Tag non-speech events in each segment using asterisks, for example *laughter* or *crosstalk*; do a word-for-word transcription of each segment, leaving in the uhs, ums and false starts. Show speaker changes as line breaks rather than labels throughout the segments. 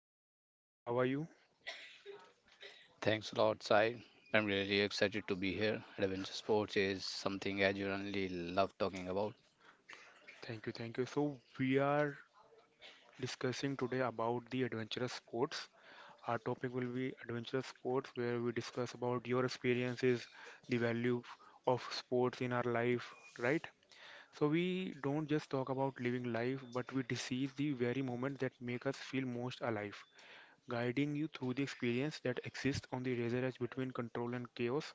podcast, Aman. How are you?
Thanks a lot, Sai. I'm really excited to be here. Adventure sports is something I genuinely love talking about.
Thank you, thank you. So, we are discussing today about the adventurous sports. Our topic will be adventurous sports, where we discuss about your experiences, the value of sports in our life, right? So, we don't just talk about living life, but we seize the very moment that make us feel most alive, guiding you through the experience that exists on the razor edge between control and chaos.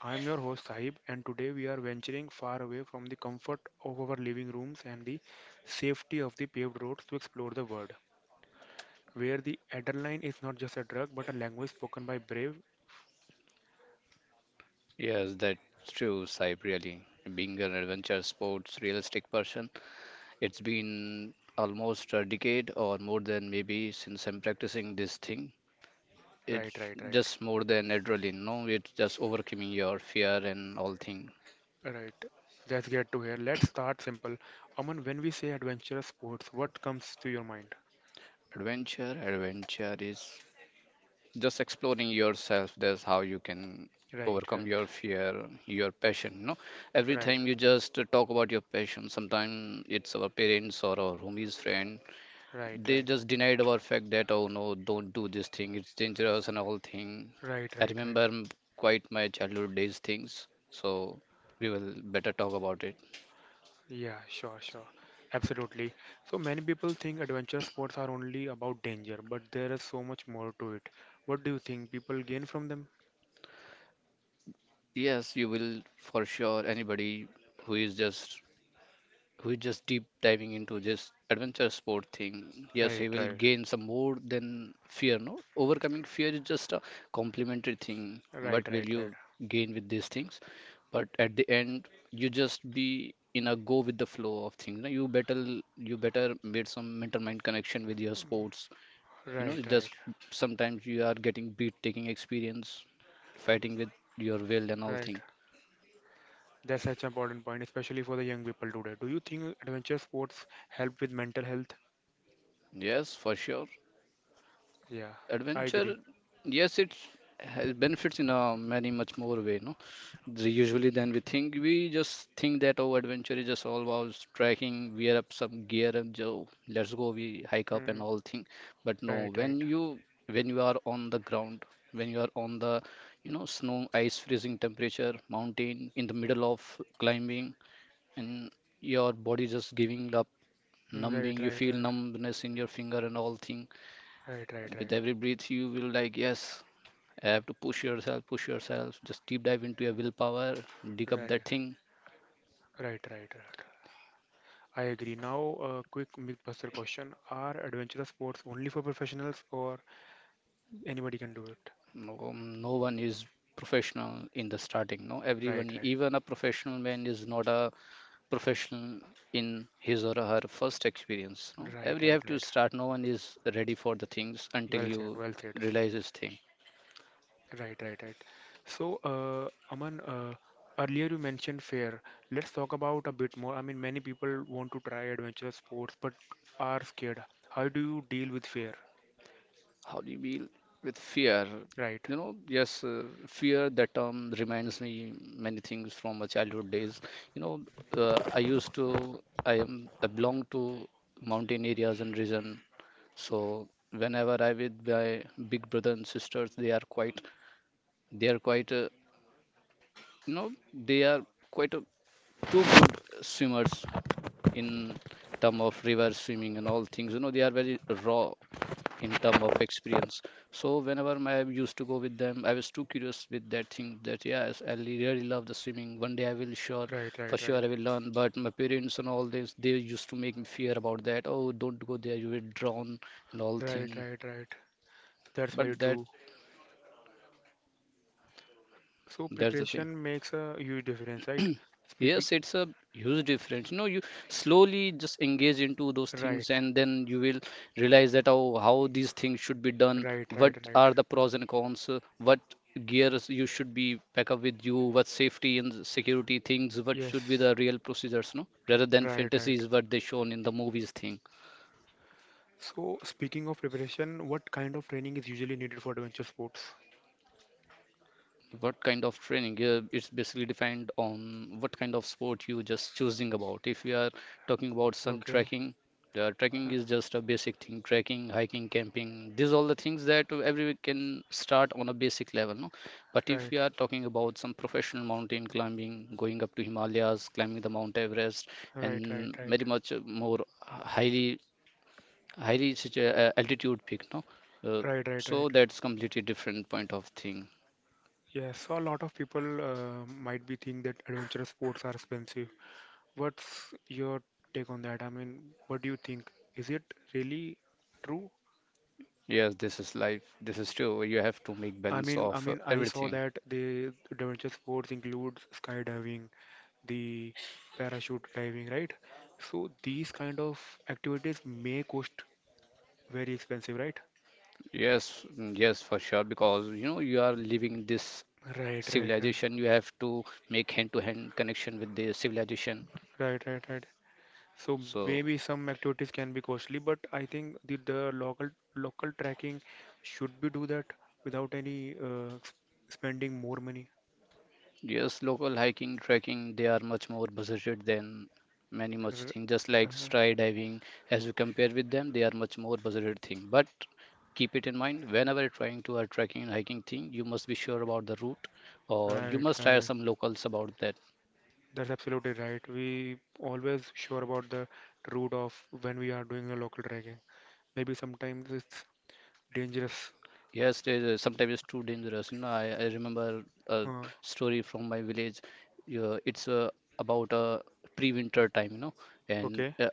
I am your host Sahib, and today we are venturing far away from the comfort of our living rooms and the safety of the paved roads to explore the world, where the adrenaline is not just a drug but a language spoken by brave.
Yes, that's true, Sai, really. Being an adventure sports realistic person, it's been almost a decade or more than maybe since I'm practicing this thing. It's
Right, right, right,
just more than adrenaline, no? It's just overcoming your fear and all thing.
right. Let's get to here. Let's start simple. Aman, when we say adventurous sports, what comes to your mind?
Adventure, adventure is just exploring yourself. That's how you can
Right,
overcome
right,
your fear, your passion. You know, every
right,
time you just uh, talk about your passion. Sometimes it's our parents or our homies friend,
right,
they
right,
just denied our fact that, oh no, don't do this thing, it's dangerous and all thing.
right,
I
right, right.
remember m- quite my childhood days things, so we will better talk about it.
Yeah, sure, sure. Absolutely. So many people think adventure sports are only about danger, but there is so much more to it. What do you think people gain from them?
Yes, you will, for sure. Anybody who is just we're just deep diving into this adventure sport thing. Yes, he
Right,
will
right,
gain some more than fear. No, overcoming fear is just a complementary thing.
right,
What will
right, right,
you gain with these things? But at the end, you just be in a go with the flow of things. No, you better you better made some mental mind connection with your sports.
Mm,
You know,
right,
it's just
right,
sometimes you are getting beat, taking experience, fighting with your will and all
right.
thing.
That's such an important point, especially for the young people today. Do you think adventure sports help with mental health?
Yes, for sure.
Yeah, I agree.
Adventure, yes, it has benefits in a many much more way, no? The- Usually than we think. We just think that, oh, adventure is just all about trekking, wear up some gear and jo, let's go, we hike up and
Mm,
all thing. But
right,
no,
right,
when you when you are on the ground, when you are on the you know snow, ice, freezing temperature, mountain, in the middle of climbing, and your body just giving up,
Mm,
numbing.
right,
You
right,
feel
right,
numbness in your finger and all thing.
right, right,
With
right,
every breath you will like, yes, I have to push yourself, push yourself, just deep dive into your willpower, dig up
right,
that thing.
right, right, right. I agree. Now, a quick mythbuster question. Are adventurous sports only for professionals or anybody can do it?
No, no one is professional in the starting. No,
Right,
everyone, even a professional man, is not a professional in his or her first experience. No,
right. Right,
every
right,
have to
right.
start. No one is ready for the things until
Well said,
you
well said.
realize this thing.
Right, right, right. So, uh, Aman, uh, earlier you mentioned fair. Let's talk about a bit more. I mean, many people want to try adventurous sports but are scared. How do you deal with fear?
How do you deal with fear?
Right,
You know, yes, uh, fear, that term reminds me many things from my childhood days. You know, uh, I used to, I am, I belong to mountain areas and region. So whenever I with my big brother and sisters, they are quite, they are quite, uh, you know, they are quite a, two good swimmers in term of river swimming and all things. You know, they are very raw in term of experience. So whenever my- I used to go with them, I was too curious with that thing that, yes, I li- really love the swimming. One day I will, sure
right,
for
right,
sure,
right.
I will learn. But my parents and all this, they used to make me fear about that, oh, don't go there, you will drown and all
Right,
thing.
right, right. That's very
But that
true. So
that's the thing.
preparation makes a huge difference, right?
*clears throat*
Speaking,
Yes, it's a huge difference. You know, you slowly just engage into those things,
right,
and then you will realize that how how these things should be done.
right,
What
right, right.
are the pros and cons? uh, What gears you should be pack up with you? What safety and security things? What should be
Yes,
the real procedures? No, rather than
right, right.
fantasies what they shown in the movies thing.
So, speaking of preparation, what kind of training is usually needed for adventure sports?
What kind of training? Uh, it's basically depend on what kind of sport you just choosing about. If you are talking about some
Okay.
trekking, the trekking
Uh,
is just a basic thing. Trekking, hiking, camping, these all the things that everyone can start on a basic level, no? But if you
Right,
are talking about some professional mountain climbing, going up to Himalayas, climbing the Mount Everest,
right, right,
and
right.
very much more highly highly situ- uh, altitude peak, no? Uh,
Right, right, right.
so that's completely different point of thing.
Yes, so a lot of people uh, might be think that adventure sports are expensive. What's your take on that? I mean, what do you think? Is it really true?
Yes, this is life. This is true. You have to make
I
balance
mean, I
of uh,
mean, I saw
everything.
that the adventure sports include skydiving, the parachute diving, right? So these kind of activities may cost very expensive, right?
Yes, mm, yes, for sure. Because you know you are living this
Right, right,
civilization. You have to make hand-to-hand connection with the civilization.
right, right, right, right. So
So
maybe some activities can be costly, but I think the, the local local tracking should be do that without any uh, s- spending more money.
yes, local hiking, trekking, they are much more budgeted than many much
R-
things. Just like
uh,
skydiving, as you compare with them, they are much more budgeted thing. But keep it in mind, whenever you're trying to a trekking and hiking thing, you must be sure about the route, or you
right,
must hire
right.
some locals about that.
That's absolutely right. We always sure about the route of when we are doing a local trekking. Maybe sometimes it's dangerous.
Yes, it is, sometimes it's too dangerous. You know, I, I remember a
Uh,
story from my village. Yeah, it's uh, about uh, pre-winter time, you know, and
okay.
uh,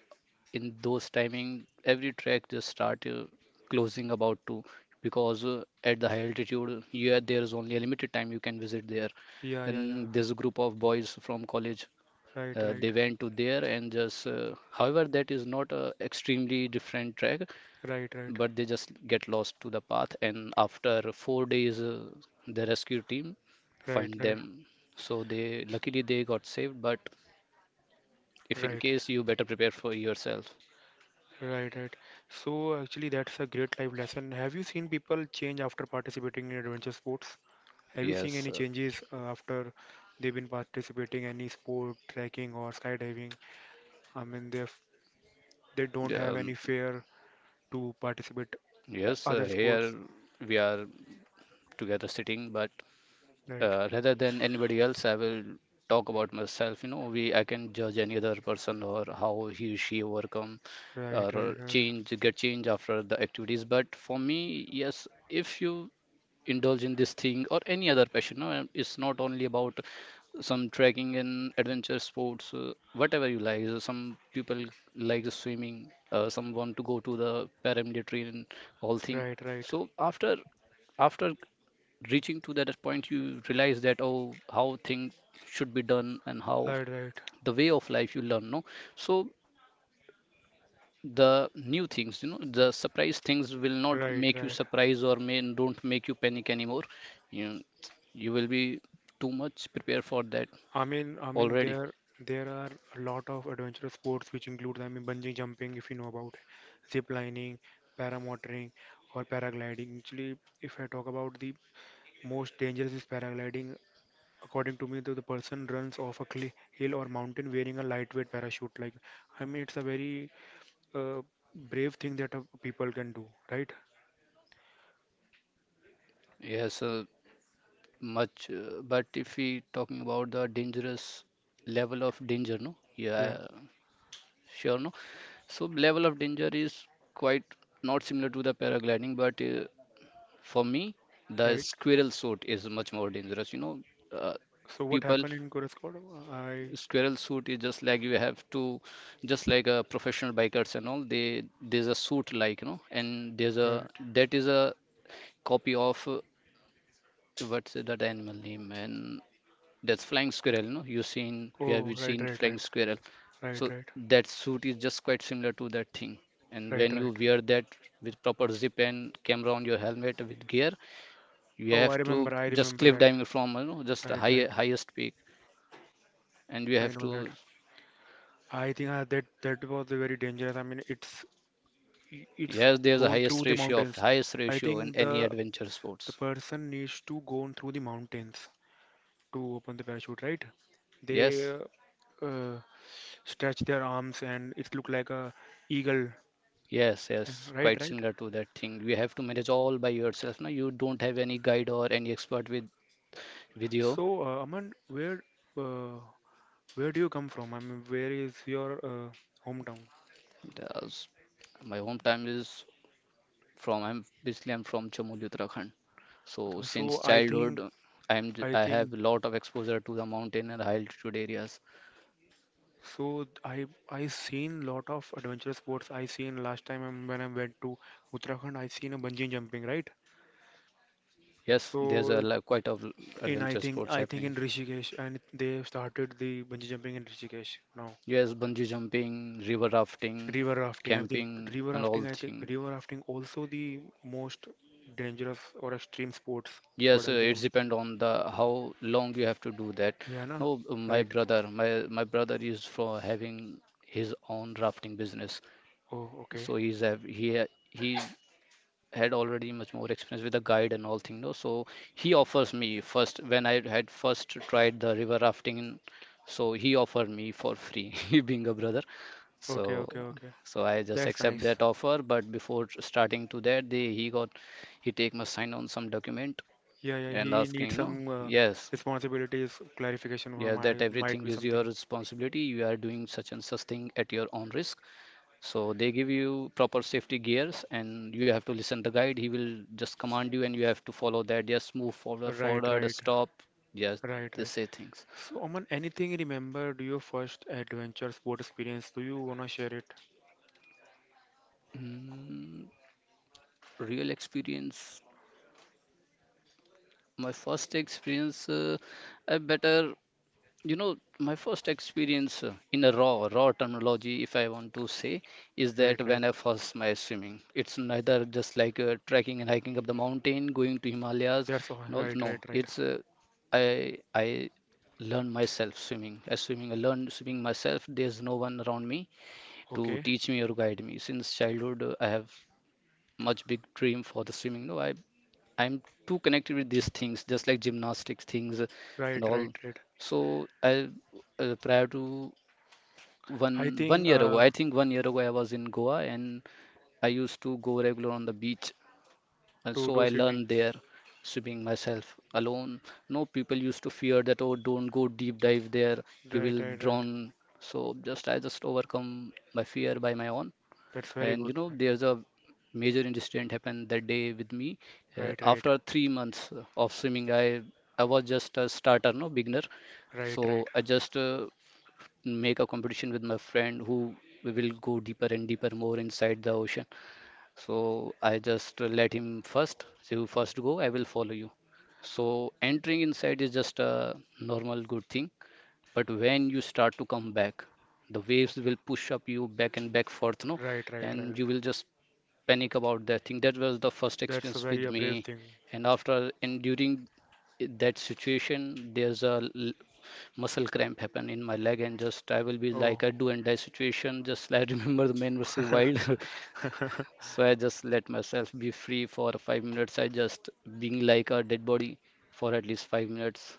in those timing, every track just start uh, closing about two, because uh, at the high altitude, yeah, there is only a limited time you can visit there.
Yeah, yeah, yeah.
Then there's a group of boys from college.
Right,
Uh,
right,
they went to there and just, uh, however, that is not a extremely different track,
right, right, right,
but they just get lost to the path, and after four days uh, the rescue team
right,
find them. So they luckily they got saved. But if in
right,
case, you better prepare for yourself.
right, right. So actually, that's a great life lesson. Have you seen people change after participating in adventure sports? Have you seen
Yes,
any
uh,
changes uh, after they've been participating any sport, trekking or skydiving? I mean, they they don't
yeah,
have any
um,
fear to participate uh,
yes, uh,
other sports.
here we are together sitting. But
Right,
uh, rather than anybody else, I will talk about myself. You know we i can judge any other person or how he she overcome
right,
or
right, right,
change, get change after the activities. But for me, yes, if you indulge in this thing or any other passion. No, and it's not only about some trekking and adventure sports, uh, whatever you like. So, some people like the swimming. Uh, some want to go to the paramilitary and all thing.
right, right,
So after after reaching to that point, you realize that, oh, how things should be done, and how
right, right,
the way of life you learn. No, so the new things, you know the surprise things will not
right,
make you
right.
surprise, or may don't make you panic anymore. You you will be too much prepared for that
I mean, I mean,
already.
there there are a lot of adventurous sports which includes, I mean, bungee jumping if you know about, zip lining, paramotoring, or paragliding. Actually, if I talk about the most dangerous is paragliding. According to me, the, the person runs off a cli hill or mountain wearing a lightweight parachute. Like, I mean, it's a very uh, brave thing that uh, people can do, right?
Yes, uh, much, uh, but if we talking about the dangerous level of danger, no,
Yeah.
yeah, sure, no. So level of danger is quite not similar to the paragliding. But uh, for me the
Right.
squirrel suit is much more dangerous. You know, uh,
So what
people,
happened in Gore's Squad? I
squirrel suit is just like, you have to just like a professional bikers, and all, they, there's a suit like, you know, and there's a
Right.
that is a copy of uh, what's that animal name. And that's flying squirrel. You know, you seen you have
Oh, right,
seen
right,
flying
right,
squirrel.
right,
So
right,
that suit is just quite similar to that thing. And
right,
when you
right.
wear that with proper zip and camera on your helmet with gear, you
Oh, I
have to
remember. I
just
remember
cliff
that.
diving from, you know, just a
Right,
high
right.
highest peak, and you
I
have
know that.
to.
I think uh, that that was very dangerous. I mean, it's it's
Yes, there's a
gone
highest
through the
ratio of
mountains.
highest
I
ratio in
think
any
the
adventure
the
sports.
person needs to go on through the mountains to open the parachute, right? They
Yes,
uh, uh, stretch their arms and it look like a eagle,
yes, yes.
right,
Quite
right.
similar to that thing. You have to manage all by yourself. No, you don't have any guide or any expert with with you.
So, uh, Aman, where uh, Where do you come from? I mean, where is your uh, hometown?
That's- My hometown is from. I'm basically I'm from Chamoli, Uttarakhand. So since
So I think
childhood, I'm j-
I
I
think
have a lot of exposure to the mountain and high altitude areas.
so I I seen lot of adventure sports. I seen last time I'm- when I went to Uttarakhand, I seen a bungee jumping, right?
Yes, there's a
So
lo- quite of
in I
adventure
think
sports
I think in
happening.
Rishikesh and they started the bungee jumping in Rishikesh now.
Yes, bungee jumping, river rafting,
River rafting, I think
camping,
river
and
rafting,
all
I think
thing.
river rafting also the most dangerous or extreme sports. What
Yes, uh,
I think
it
about.
depends on the how long you have to do that.
Yeah, na?
No, my
Right.
brother, my my brother is for having his own rafting business.
Oh, okay.
So he's have he ha- he had already much more experience with the guide and all thing. No, so he offers me first when I had first tried the river rafting. in- So he offered me for free, *laughs* being a brother.
Okay, okay,
So
okay.
so I just
That's
accept that
nice.
offer. But before starting to that, they he got he take my sign on some document,
Yeah, yeah.
and
He needs
asking, no,
some uh,
yes,
responsibilities, clarification or
yes, that
my might
everything
be
is your
something.
responsibility. You are doing such and such thing at your own risk. So they give you proper safety gears, and you have to listen the guide. He will just command you, and you have to follow that. Yes, move forward,
Right,
forward,
right,
stop. Yes,
right,
they
right.
say things.
So, Aman, anything remember? Do your first adventure sport experience? Do you wanna share it?
Mm, Real experience. My first experience, uh, I better you know my first experience uh, in a raw raw terminology, if I want to say, is
Right,
that
right.
when I first my swimming, it's neither just like uh, trekking and hiking up the mountain, going to himalayas
That's all.
and all.
Right,
No,
right, right.
it's uh, i i learned myself swimming. I swimming i learned swimming myself. There's no one around me to
Okay.
teach me or guide me. Since childhood, uh, I have much big dream for the swimming. No, i I'm too connected with these things, just like gymnastics things, uh,
Right,
and
right,
all.
right.
So I, uh, prior to
I
one one
think
year ago,
uh,
I think one year ago I was in Goa and I used to go regular on the beach, and
to
so
do
I
swimming.
learned there swimming myself alone. No, people used to fear that, oh, don't go deep dive there, you
Right,
will
right, right.
drown. So just I just overcome my fear by my own.
That's very
And you
good.
know, there's a major incident happened that day with me. Uh,
Right, right,
after three months of swimming, I I was just a starter, no, beginner.
right, right.
So I just uh, make a competition with my friend who will go deeper and deeper more inside the ocean. So I just let him first. So you first go, I will follow you. So entering inside is just a normal good thing. But when you start to come back, the waves
Okay.
will push up you back and back forth, no?
Right, right,
And
right.
you will just panic about that thing. That was the first
That's a
experience
very
with
uh, brave
me.
thing.
And after and during that situation, there's a l- muscle cramp happen in my leg, and just I will be like
Oh.
a do and die situation. *laughs* Just I remember the man versus wild. *laughs*
*laughs*
So I just let myself be free for five minutes. I just being like a dead body for at least five minutes.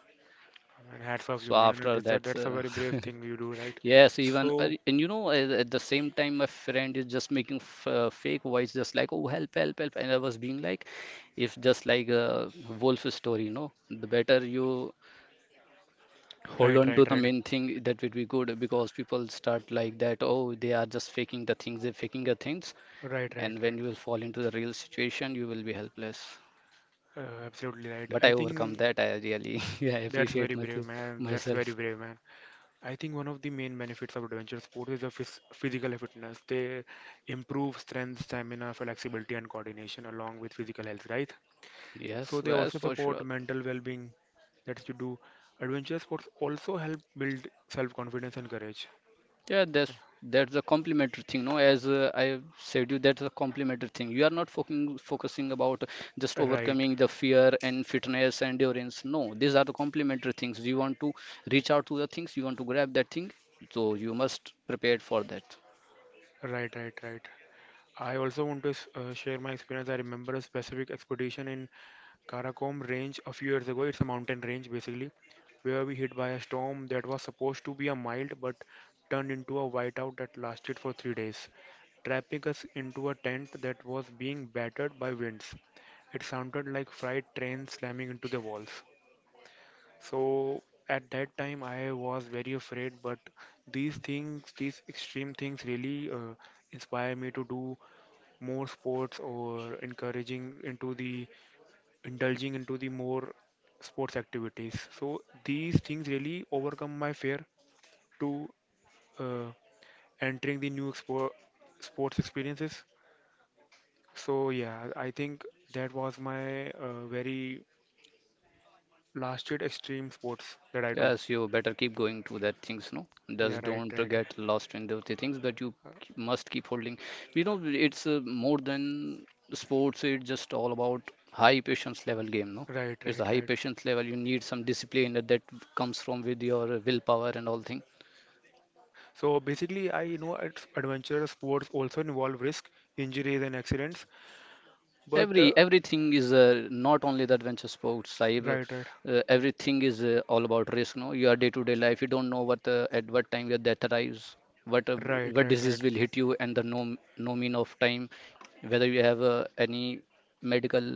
And hats off you,
So
man.
after
That's a,
that,
that's a
uh,
very brave thing you do,
*laughs*
right?
yes, even uh,
So,
and you know at, at, the same time, my friend is just making f uh, fake voice just like, oh, help help help. And I was being like, if just like a wolf story, no, the better you hold
right,
on to
right,
the
right,
main thing, that would be good, because people start like that, oh, they are just faking the things, they're faking the things,
right, right,
and
right.
when you will fall into the real situation, you will be helpless.
Uh, absolutely right.
But
I
I overcome
think
that, I really *laughs* yeah, I
that's
appreciate
very
my
brave, man. That's very
myself
brave, man. I think one of the main benefits of adventure sports is the phys physical fitness. They improve strength, stamina, flexibility, and coordination along with physical health, right?
Yes,
So they
well,
also
for sure.
support mental well-being. That you do. Adventure sports also help build self-confidence and courage.
Yeah, that's that's a complimentary thing, no? As uh, I said you, that's a complimentary thing. You are not focusing focusing about just
Right,
overcoming the fear and fitness and endurance. No, these are the complimentary things. You want to reach out to the things, you want to grab that thing, so you must prepare for that.
right, right, right. I also want to s- uh, share my experience. I remember a specific expedition in Karakom Range a few years ago. It's a mountain range basically, where we hit by a storm that was supposed to be a mild but turned into a whiteout that lasted for three days, trapping us into a tent that was being battered by winds. It sounded like freight trains slamming into the walls. So at that time, I was very afraid, but these things, these extreme things, really uh, inspire me to do more sports or encouraging into the indulging into the more sports activities. So these things really overcome my fear to uh, entering the new expo sports experiences. So yeah, I think that was my uh, very lasted extreme sports that I do.
Yes, you better keep going to that things, no?
Yeah,
Just
right,
don't
right,
get
right,
lost in the things. But you k- must keep holding. You know, it's uh, more than sports, it's just all about high patience level game, no?
uh, right,
It's a
right,
high
right.
patience level. You need some discipline that that comes from with your willpower and all things.
So basically, I know it's adventurous sports also involve risk, injuries, and accidents. But uh,
Every everything is uh, not only the adventure sports, Saib.
right, right,
Uh, everything is uh, all about risk. No, your day-to-day life, you don't know what uh, at what time your death arrives, what uh,
right,
what
right, right.
disease will hit you, and the no no mean of time, whether you have uh, any medical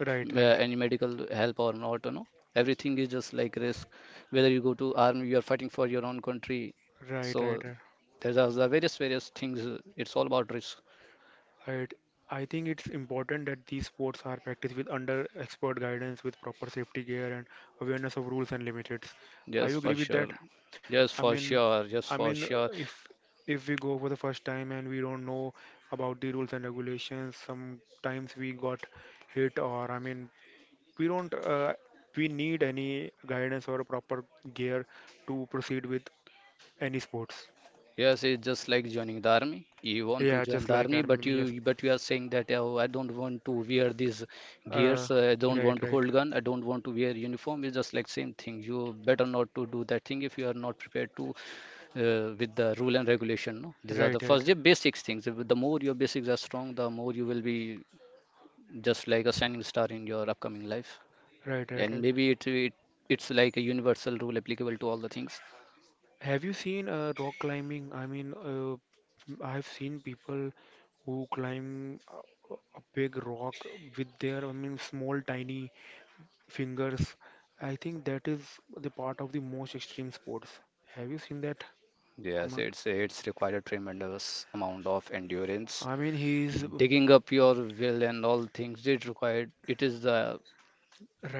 Right,
uh,
right,
any medical help or not. You know, everything is just like risk. Whether you go to army, you are fighting for your own country.
right,
So
right, right.
there's are various various things. uh, It's all about risk.
Right. I think it's important that these sports are practiced with under expert guidance, with proper safety gear and awareness of rules and limits. Are you
Yes,
agree
for
with that?
sure. Yes,
I
for
mean,
sure. Yes,
I
for
mean, uh,
sure.
if if we go for the first time and we don't know about the rules and regulations, sometimes we got hit or I mean, we don't uh, we need any guidance or a proper gear to proceed with any sports.
Yes, it's just like joining the army. You want to
Yeah,
join
just
the
like
army, but
Armin, yes.
you but you are saying that, oh, I don't want to wear these gears.
Uh,
Uh, I don't
right,
want to
right.
hold gun. I don't want to wear uniform. It's just like same thing. You better not to do that thing if you are not prepared to uh, with the rule and regulation. No, these are the
Right, right,
first the basics things. If- The more your basics are strong, the more you will be just like a shining star in your upcoming life.
right, right,
And
right.
maybe it, it it's like a universal rule applicable to all the things.
Have you seen uh, rock climbing? I mean, uh, I've seen people who climb a, a big rock with their, I mean, small, tiny fingers. I think that is the part of the most extreme sports. Have you seen that,
Yes,
Aman?
it's it's required a tremendous amount of endurance.
I mean, he's
Digging up your well and all things it required. It is the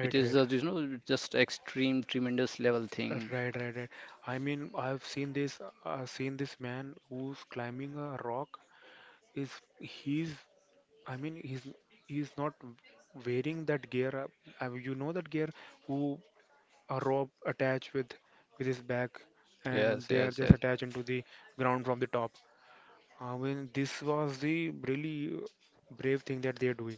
it is
right,
the you know just extreme tremendous level
uh,
thing.
right, right, right. I mean, I've seen this, uh, seen this man who's climbing a rock. Is He's I mean, he's he's not wearing that gear. Uh, I You know that gear who are rope attached with with his back, and
Yes,
they are
yes,
just
yes,
attached into the ground from the top. I mean, this was the really brave thing that they're doing.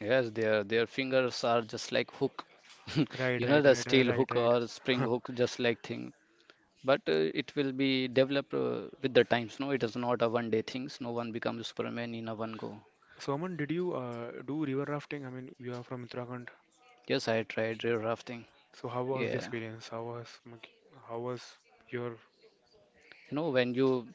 yes. Their their fingers are just like hook. *laughs*
Right,
You know,
right,
the
right, right,
steel
right,
hook or spring
right. *laughs*
hook, just like thing. But uh, it will be developed uh, with the times. No, it is not a one day things. No one becomes Superman in a one go.
Soman, did you uh, do river rafting? I mean, you are from Uttarakhand,
Yes, I tried river rafting.
so how was the
Yeah,
experience? How was Maki- how was your?
you know, when you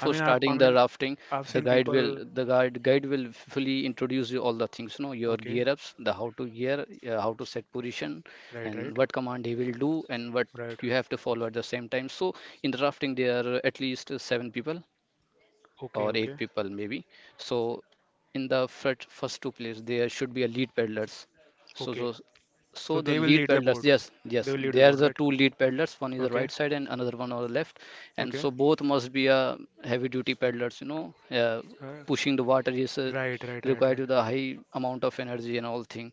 I mean, I've I
starting the
mean
rafting,
I've
the
seen
guide will
people.
the guide guide will fully introduce you all the things, you know, your
Okay,
gear ups, the how to gear uh, how to set position,
right,
and
right,
what command he will do and what
right.
you have to follow at the same time. So in the rafting, there are at least uh, seven people
Okay,
or
okay.
eight people maybe. So in the first first two players, there should be a lead paddlers. So
Okay.
so
So
so the
they will
lead
lead the
paddlers,
board.
yes,
They
yes.
will lead the
There's
board,
a
right?
two lead paddlers. One is the
Okay.
right side and another one on the left. And
Okay.
so both must be a heavy duty paddlers. You know, uh,
Uh,
pushing the water is uh,
right, right, right,
required
right.
with a high amount of energy and all thing,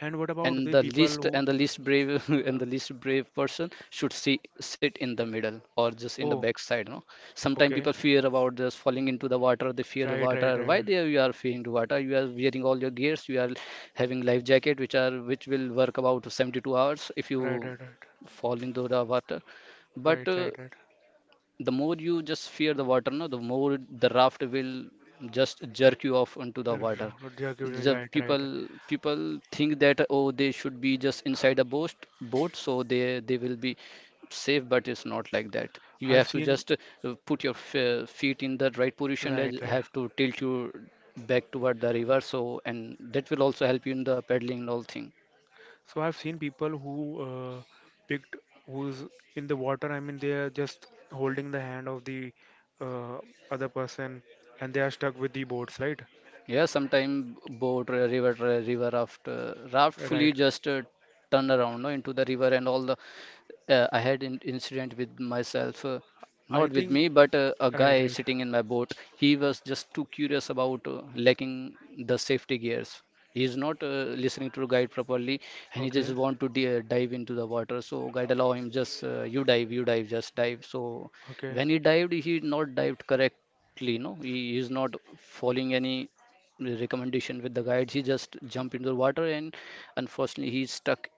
And what about
and
the
the
people
least
who?
and the least brave *laughs* and
Uh,
the least brave person should see sit in the middle or just in the
oh,
backside. No, sometimes
okay.
people fear about just falling into the water, they fear the
Right,
water.
right,
Why
right,
they you are fearing the water? You are wearing all your gears, you are having life jacket, which are which will work about seventy-two hours if you
right, right, right,
fall into the water. But
right,
uh,
right, right.
the more you just fear the water, no, the more the raft will just jerk you off into the
R-
water.
yeah, good,
the
yeah, right,
people
right.
people think that, oh, they should be just inside a boat boat, so they they will be safe, but it's not like that. You
I've
have to
seen.
just uh, put your f- feet in the right position
Right,
and
right.
have to tilt you back toward the river, so and that will also help you in the paddling and all thing.
So I've seen people who uh, picked who's in the water. I mean, they are just holding the hand of the uh, other person, and they are stuck with the boats, right?
Yeah, sometime boat, uh, river, uh, river raft, uh, raft fully
Right.
just uh, turn around, no, into the river and all the uh, I had an incident with myself, uh, not
I
with
think.
me, but uh, a
Right,
guy
right.
sitting in my boat. He was just too curious about uh, lacking the safety gears. He is not uh, listening to the guide properly, and he just
Okay,
want to di- uh, dive into the water. So guide allow him, just uh, you dive, you dive, just dive. So
okay.
when he dived, he not dived correctly. No, he is not following any recommendation with the guides. He just jumped into the water, and unfortunately, he's stuck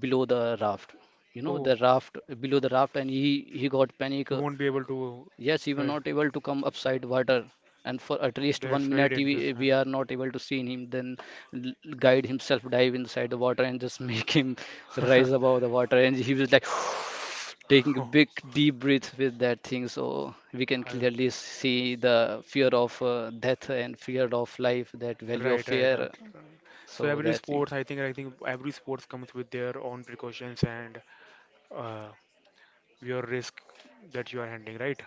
below the raft, you know,
Oh,
the raft, below the raft, and he he got panic.
you
uh,
won't be able to.
yes he was
Right,
not able to come upside water, and for at least
that's
one
very
minute
dangerous,
we,
man.
we are not able to see him. Then l- guide himself dive inside the water and just *laughs* make him rise above the water, and he was like *sighs* taking
*laughs*
a
Oh,
big deep breath with that thing, so we can
I,
clearly see the fear of uh, death and fear of life, that value of
right, right,
fear,
right. So
so
every
that thing,
sports, I think, I think every sports comes with their own precautions and uh, your risk that you are handling, right?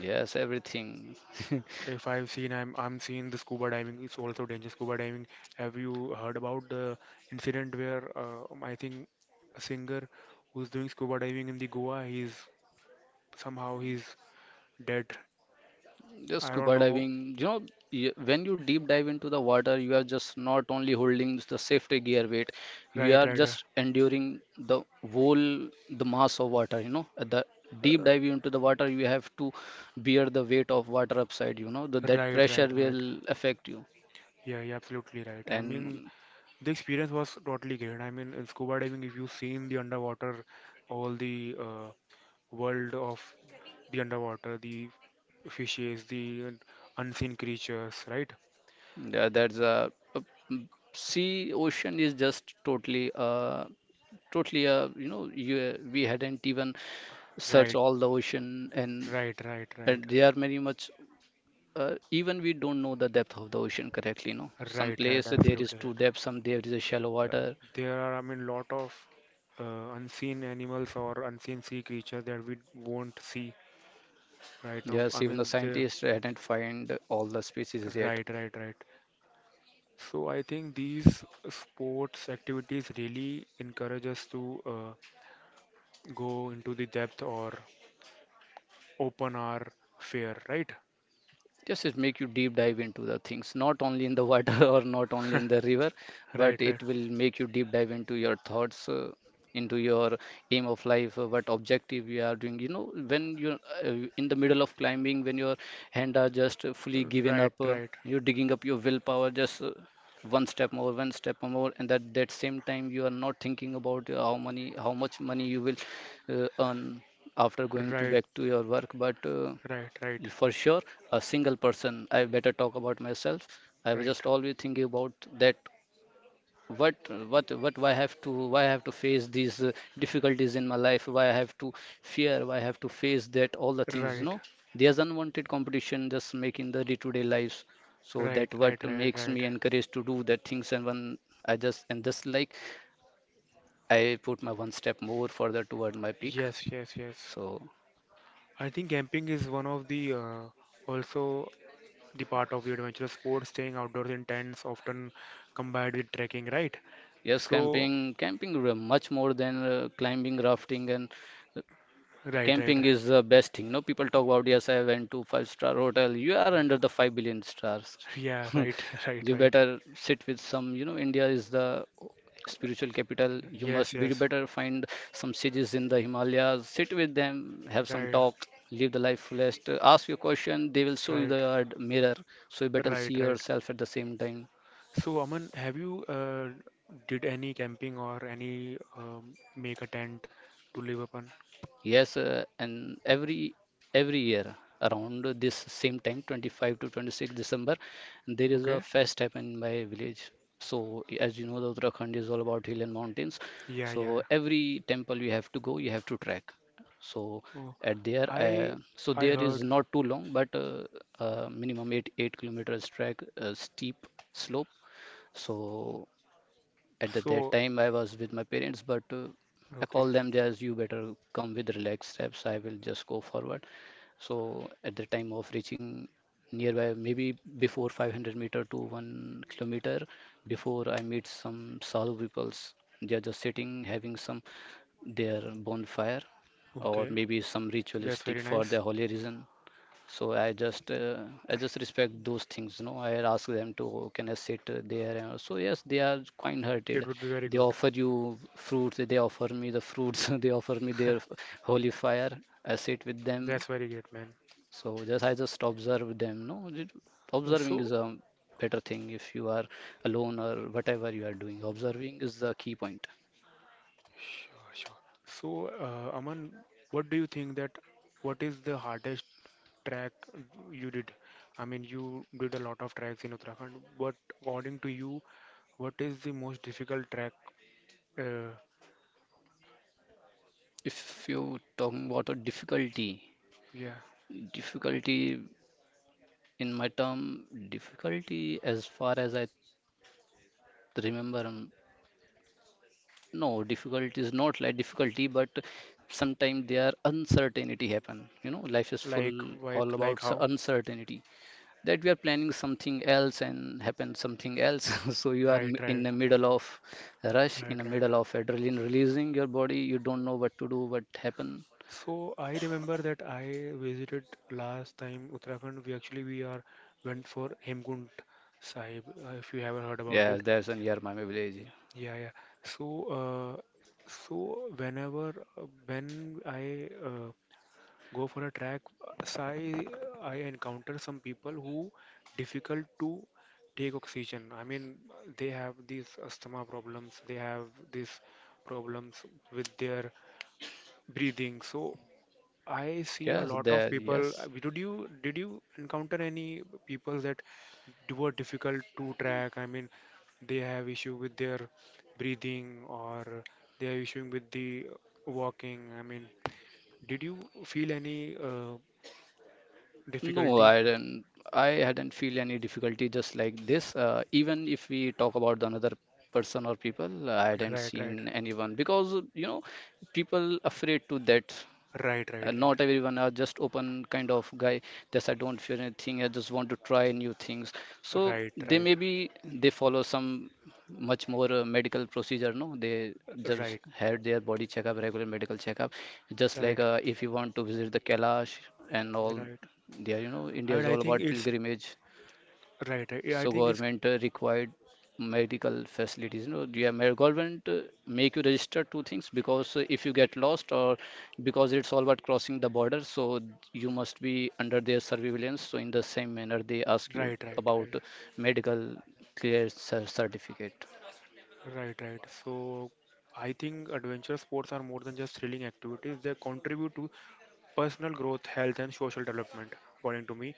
yes, everything. *laughs*
If I've seen, I'm I'm seeing the scuba diving is also dangerous. Scuba diving. Have you heard about the incident where uh, I think a singer who's doing scuba diving in the Goa, he's somehow he's dead.
Just
I don't
scuba
know.
diving, you know, y- when you deep dive into the water, you are just not only holding the safety gear weight, you
Right,
are
right, right.
just enduring the whole the mass of water. You know, at the deep
Uh,
dive into the water, you have to bear the weight of water upside. You know, the, that
Right,
pressure
right, right.
will affect you,
Yeah, yeah, absolutely right. I mean,
and
the experience was totally great. I mean, in scuba diving, if you've seen the underwater, all the uh, world of the underwater, the fishes, the unseen creatures, right?
yeah, that's a, a sea ocean is just totally uh totally uh you know you we hadn't even searched
Right,
all the ocean, and
right, right, right,
and they are very much uh, even we don't know the depth of the ocean correctly, no. Some
right, right,
place there is
absolutely
too
right.
depth, some there is a shallow
Uh,
water.
There are, I mean, lot of uh, unseen animals or unseen sea creatures that we won't see right now.
Yes,
I
even the
mean, the
scientists hadn't find all the species yet.
right, right, right. So I think these sports activities really encourage us to uh, go into the depth or open our fear, right?
Yes, it make you deep dive into the things, not only in the water *laughs* or not only in
*laughs*
the river, but
Right, right,
it will make you deep dive into your thoughts, uh, into your aim of life, uh, what objective you are doing. You know, when you're uh, in the middle of climbing, when your hand are just uh, fully given
right,
up, uh,
right,
you're digging up your willpower, just uh, one step more, one step more, and that that same time you are not thinking about how money, how much money you will uh, earn after going to
right,
back to your work, but uh,
right, right,
for sure a single person, I better talk about myself. I was
right,
just always thinking about that, what what what why I have to, why I have to face these uh, difficulties in my life. Why I have to fear? Why I have to face that all the things? You
right,
know, there's unwanted competition just making the day-to-day lives, so
right,
that what
right, right,
makes
right.
me encouraged to do that things. And when I just and just like I put my one step more further toward my peak.
Yes, yes, yes.
So
I think camping is one of the uh, also the part of the adventurous sports, staying outdoors in tents, often combined with trekking, right?
yes,
So,
camping, camping r- much more than uh, climbing, rafting, and uh,
right, right,
camping is the best thing. No, people talk about, yes, I went to five star hotel. You are under the five billion stars.
yeah,
*laughs*
right, *laughs* right,
You
right.
better sit with some. You know, India is the spiritual capital. You
Yes,
must be
yes,
better find some sages in the Himalayas. Sit with them, have some
right,
talk, live the life fullest. Ask your question. They will show you
right,
the uh, mirror, so you better see
right, right.
yourself at the same time.
So, Aman, have you uh, did any camping or any um, make a tent to live upon?
Yes, uh, and every every year around this same time, twenty-five to twenty-sixth December, there is a
Okay.
fest happen in my village. So as you know, the Uttarakhand is all about hill and mountains.
Yeah, yeah.
So every temple you have to go, you have to trek. So
Oh,
at there,
I
uh, so
I
there is
heard.
not too long, but uh, uh, minimum eight eight kilometers trek, uh, steep slope. So at the, that
So,
time, I was with my parents, but uh, I
okay,
call them as, you better come with relaxed steps. I will just go forward. So at the time of reaching nearby, maybe before five hundred meter to one kilometer, before I meet some sadhu peoples, they are just sitting having some their bonfire or
okay.
maybe some
That's
ritualistic
very
for the
nice.
holy reason. So I just uh, I just respect those things, you know. I ask them to, can I sit uh, there? And so yes, they are
It
kind-hearted.
would be very
They
good.
offer you fruits. They offer me the fruits. *laughs* They offer me their
*laughs*
f- holy fire. I sit with them.
That's very great, man.
So just I just observe them. No, It-
Uh,
observing is
So,
a better thing if you are alone or whatever you are doing. Observing is the key point.
sure, sure. So, uh, Aman, what do you think that what is the hardest track you did? I mean, you did a lot of tracks in Uttarakhand, but according to you, what is the most difficult track? Uh,
If you talking about a difficulty,
yeah,
difficulty in my term, difficulty as far as I remember, um, no, difficult is not like difficulty, but sometimes there uncertainty happen. You know, life is full
like, like,
all
like
about cer-
how?
uncertainty, that we are planning something else and happen something else. *laughs* So you are
Right,
m- in
right,
the middle of a rush,
right,
in the
right.
middle of adrenaline releasing your body. You don't know what to do, what happen.
So I remember that I visited last time Uttarakhand. We actually we are went for Hemkund Sahib. Uh, if you haven't heard about
Yes,
it,
there's an near my village.
yeah, yeah. So, uh, so whenever uh, when I uh, go for a track. So I, I encounter some people who difficult to take oxygen. I mean, they have these asthma problems. They have these problems with their breathing. So I see a
Yes,
lot of
there,
people. uh,
yes.
Did you did you encounter any people that d- were difficult to track? I mean, they have issue with their breathing or they are issuing with the walking. I mean, did you feel any uh,
No,
difficulty.
I didn't. I hadn't feel any difficulty just like this. Uh, even if we talk about the another person or people, I hadn't
Right, right,
seen anyone because you know people afraid to that.
right,
Uh,
right, right,
not everyone are just open kind of guy. Just I don't fear anything. I just want to try new things. So
right,
they,
right,
maybe they follow some much more uh, medical procedure. No, they just
right,
had their body checkup, regular medical checkup. Just like
right,
uh, if you want to visit the Kailash and all,
right.
there you know India
And
is
I
all
think
about
it's
pilgrimage.
right, right. I
So
think it's
government uh, required medical facilities. No, yeah, ma- government uh, make you register two things, because uh, if you get lost or because it's all about crossing the border, so you must be under their surveillance. So in the same manner, they ask you
right, right, right,
about medical clear cer- certificate.
right, right. So I think adventure sports are more than just thrilling activities. They contribute to personal growth, health, and social development, according to me.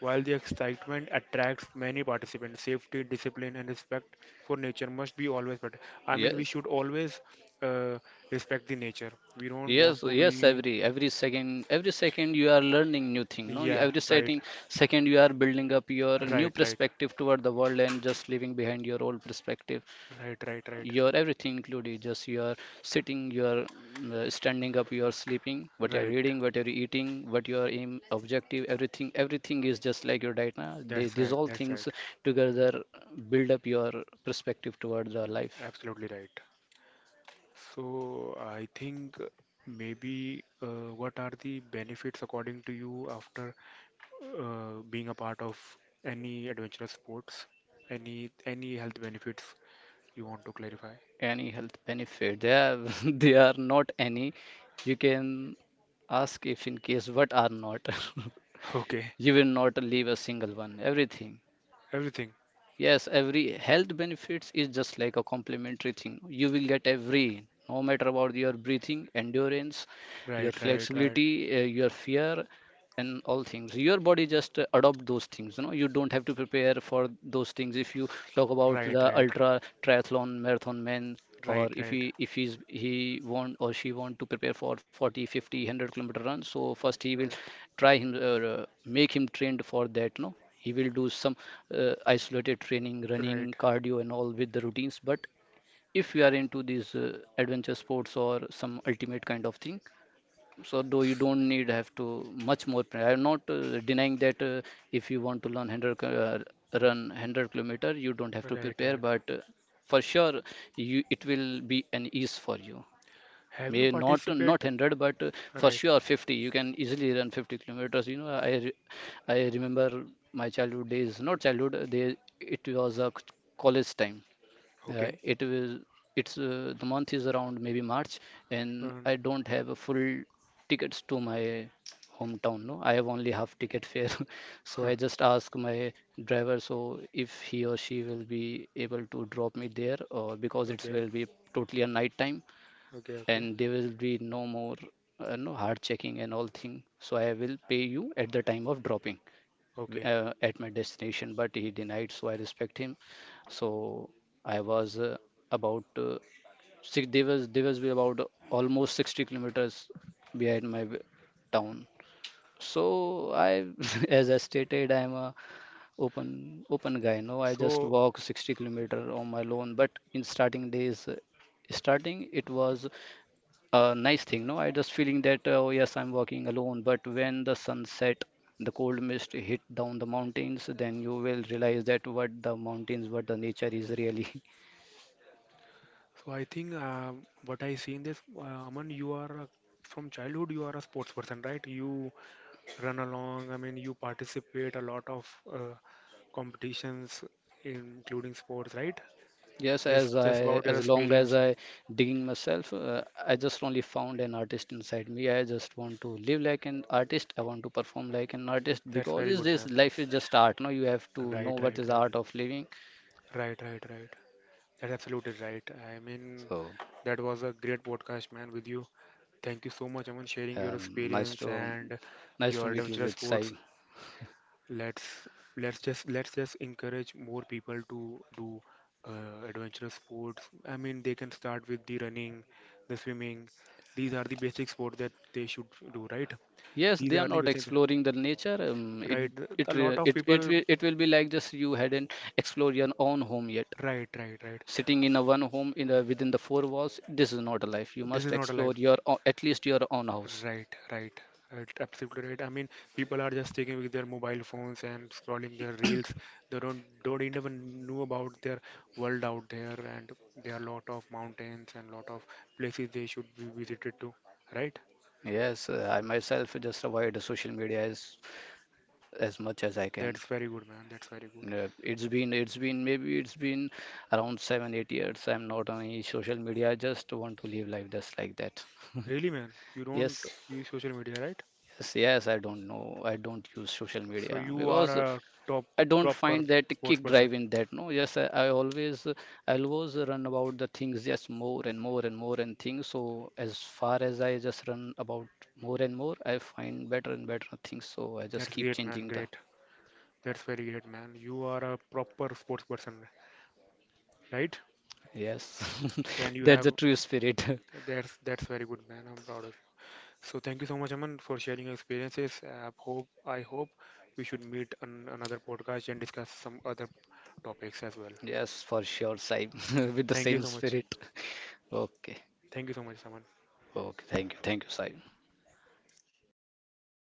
While the excitement attracts many participants, safety, discipline, and respect for nature must be always better. I mean, we
Yes.
should always uh, respect the nature. We don't
Yes,
want to
yes,
be
every every second, every second you are learning new thing, no? You-
yeah,
Every
right,
setting second you are building up your new
right, right,
perspective toward the world and just leaving behind your old perspective.
right, right, right,
Your everything included, just you are sitting, you are mm, uh, standing up, you are sleeping, what you are
right.
reading, what you are eating, what your aim objective, everything, everything is just like your diet. Now they,
That's
these
right,
all
that's
things
right.
together build up your perspective towards the life.
Absolutely right. So I think maybe uh, what are the benefits according to you after uh, being a part of any adventurous sports? Any any health benefits you want to clarify?
Any health benefit, they are *laughs* they are not any. You can ask if in case what are not. *laughs*
*laughs* Okay,
You will not leave a single one, everything.
everything.
Yes, every health benefits is just like a complimentary thing. You will get every, no matter about your breathing, endurance,
Right,
your
right, right,
flexibility, uh, your fear, and all things. Your body just uh, adopt those things. You know, you don't have to prepare for those things. If you talk about
right,
the
right,
ultra triathlon marathon man, or
right,
if
right,
he if he's he want or she want to prepare for forty, fifty, one hundred kilometer run, so first he will
right,
try him or uh, make him trained for that. No, he will do some uh, isolated training,
right,
running, cardio, and all with the routines. But if you are into these uh, adventure sports or some ultimate kind of thing, so though you don't need have to much more pra- I'm not uh, denying that uh, if you want to learn 100 ki- uh, run 100 kilometer you don't have
right,
to prepare,
right.
but uh, for sure you it will be an ease for you.
Have you
May not
participate?
not one hundred, but uh, for
Right.
sure fifty you can easily run 50 kilometers. You know, i re- i remember my childhood days, not childhood, they it was a college time. Uh,
Okay.
it will it's uh, the month is around maybe March. And
Um,
I don't have a full tickets to my hometown. No, I have only half ticket fare. *laughs* So I
*laughs*
just ask my driver, so if he or she will be able to drop me there or because it
Okay,
will be totally a night time
okay, okay,
and there will be no more uh, no hard checking and all thing, so I will pay you at the time of dropping
okay.
uh, at my destination. But he denied, so I respect him. So I was uh, about uh, six. They was they was be about almost 60 kilometers behind my w- town. So I, *laughs* as I stated, I'm a open open guy. No, I just
So,
walk 60 kilometer on my own. But in starting days, uh, starting it was a nice thing. No, I just feeling that uh, oh yes, I'm walking alone. But when the sun set, the cold mist hit down the mountains, then you will realize that what the mountains, what the nature is really.
so I think uh, what I see in this, uh, Aman, you are a- from childhood you are a sports person, right? You run along. I mean, you participate a lot of uh, competitions, including sports, right?
*laughs* Yes, as
Just,
i
just about
as
your
long as
experience.
I digging myself, uh, I just only found an artist inside me. I just want to live like an artist, I want to perform like an artist,
That's
because
very
is
good,
this
man.
life is just art. No, you have to know
Right,
what
right,
is the
right,
art of living.
right, right, right. That's absolutely right. I mean,
So
that was a great podcast, man, with you. Thank you so much, Aman, sharing your
um, nice
experience
to
and
nice to
your
meet you
adventurous
with Sai.
sports. Let's let's just let's just encourage more people to do uh, adventurous sports. I mean, they can start with the running, the swimming. These are the basic sports that they should do, right?
Yes,
These
they are
are the
not
basic,
exploring the nature. Um, it
right?
it
A lot
re-
of
it it
people,
will, it will be like, just you hadn't explored your own home yet.
right, right, right.
Sitting in a one home, in a, within the four walls, this is not a life. You
This
must
is not a
explore
life.
your o- at least your own house.
Right, right. Uh, Absolutely right. I mean, people are just sticking with their mobile phones and scrolling their reels. They don't don't even know about their world out there, and there are lot of mountains and lot of places they should be visited to. Right?
Yes, uh, I myself just avoid the social media as as much as I can.
That's very good, man. That's very good.
Uh, It's been it's been maybe it's been around seven eight years. I'm not on any social media. I just want to live life just like that. *laughs*
Really, man. You don't
Yes.
use social media, right?
Yes, yes, I don't know. I don't use social
So
media
you are
because
a top
I don't
proper
find that
sports
kick
person.
drive in that. No, yes, I, I always, I always run about the things just more and more and more and things. So as far as I just run about more and more, I find better and better things. So I just
That's
keep
great, man.
changing the.
Great. That's very great, man. You are a proper sports person, right?
Yes,
And
*laughs*
you
that's
have
the true spirit. *laughs*
That's that's very good, man. I'm proud of you. So thank you so much, Aman, for sharing your experiences. I hope I hope we should meet on another podcast and discuss some other topics as well.
Yes, for sure, Saib, *laughs* with the
Thank you
same
so much.
spirit. *laughs* Okay,
Thank you so much, Aman.
okay. Thank you, thank you, Saib.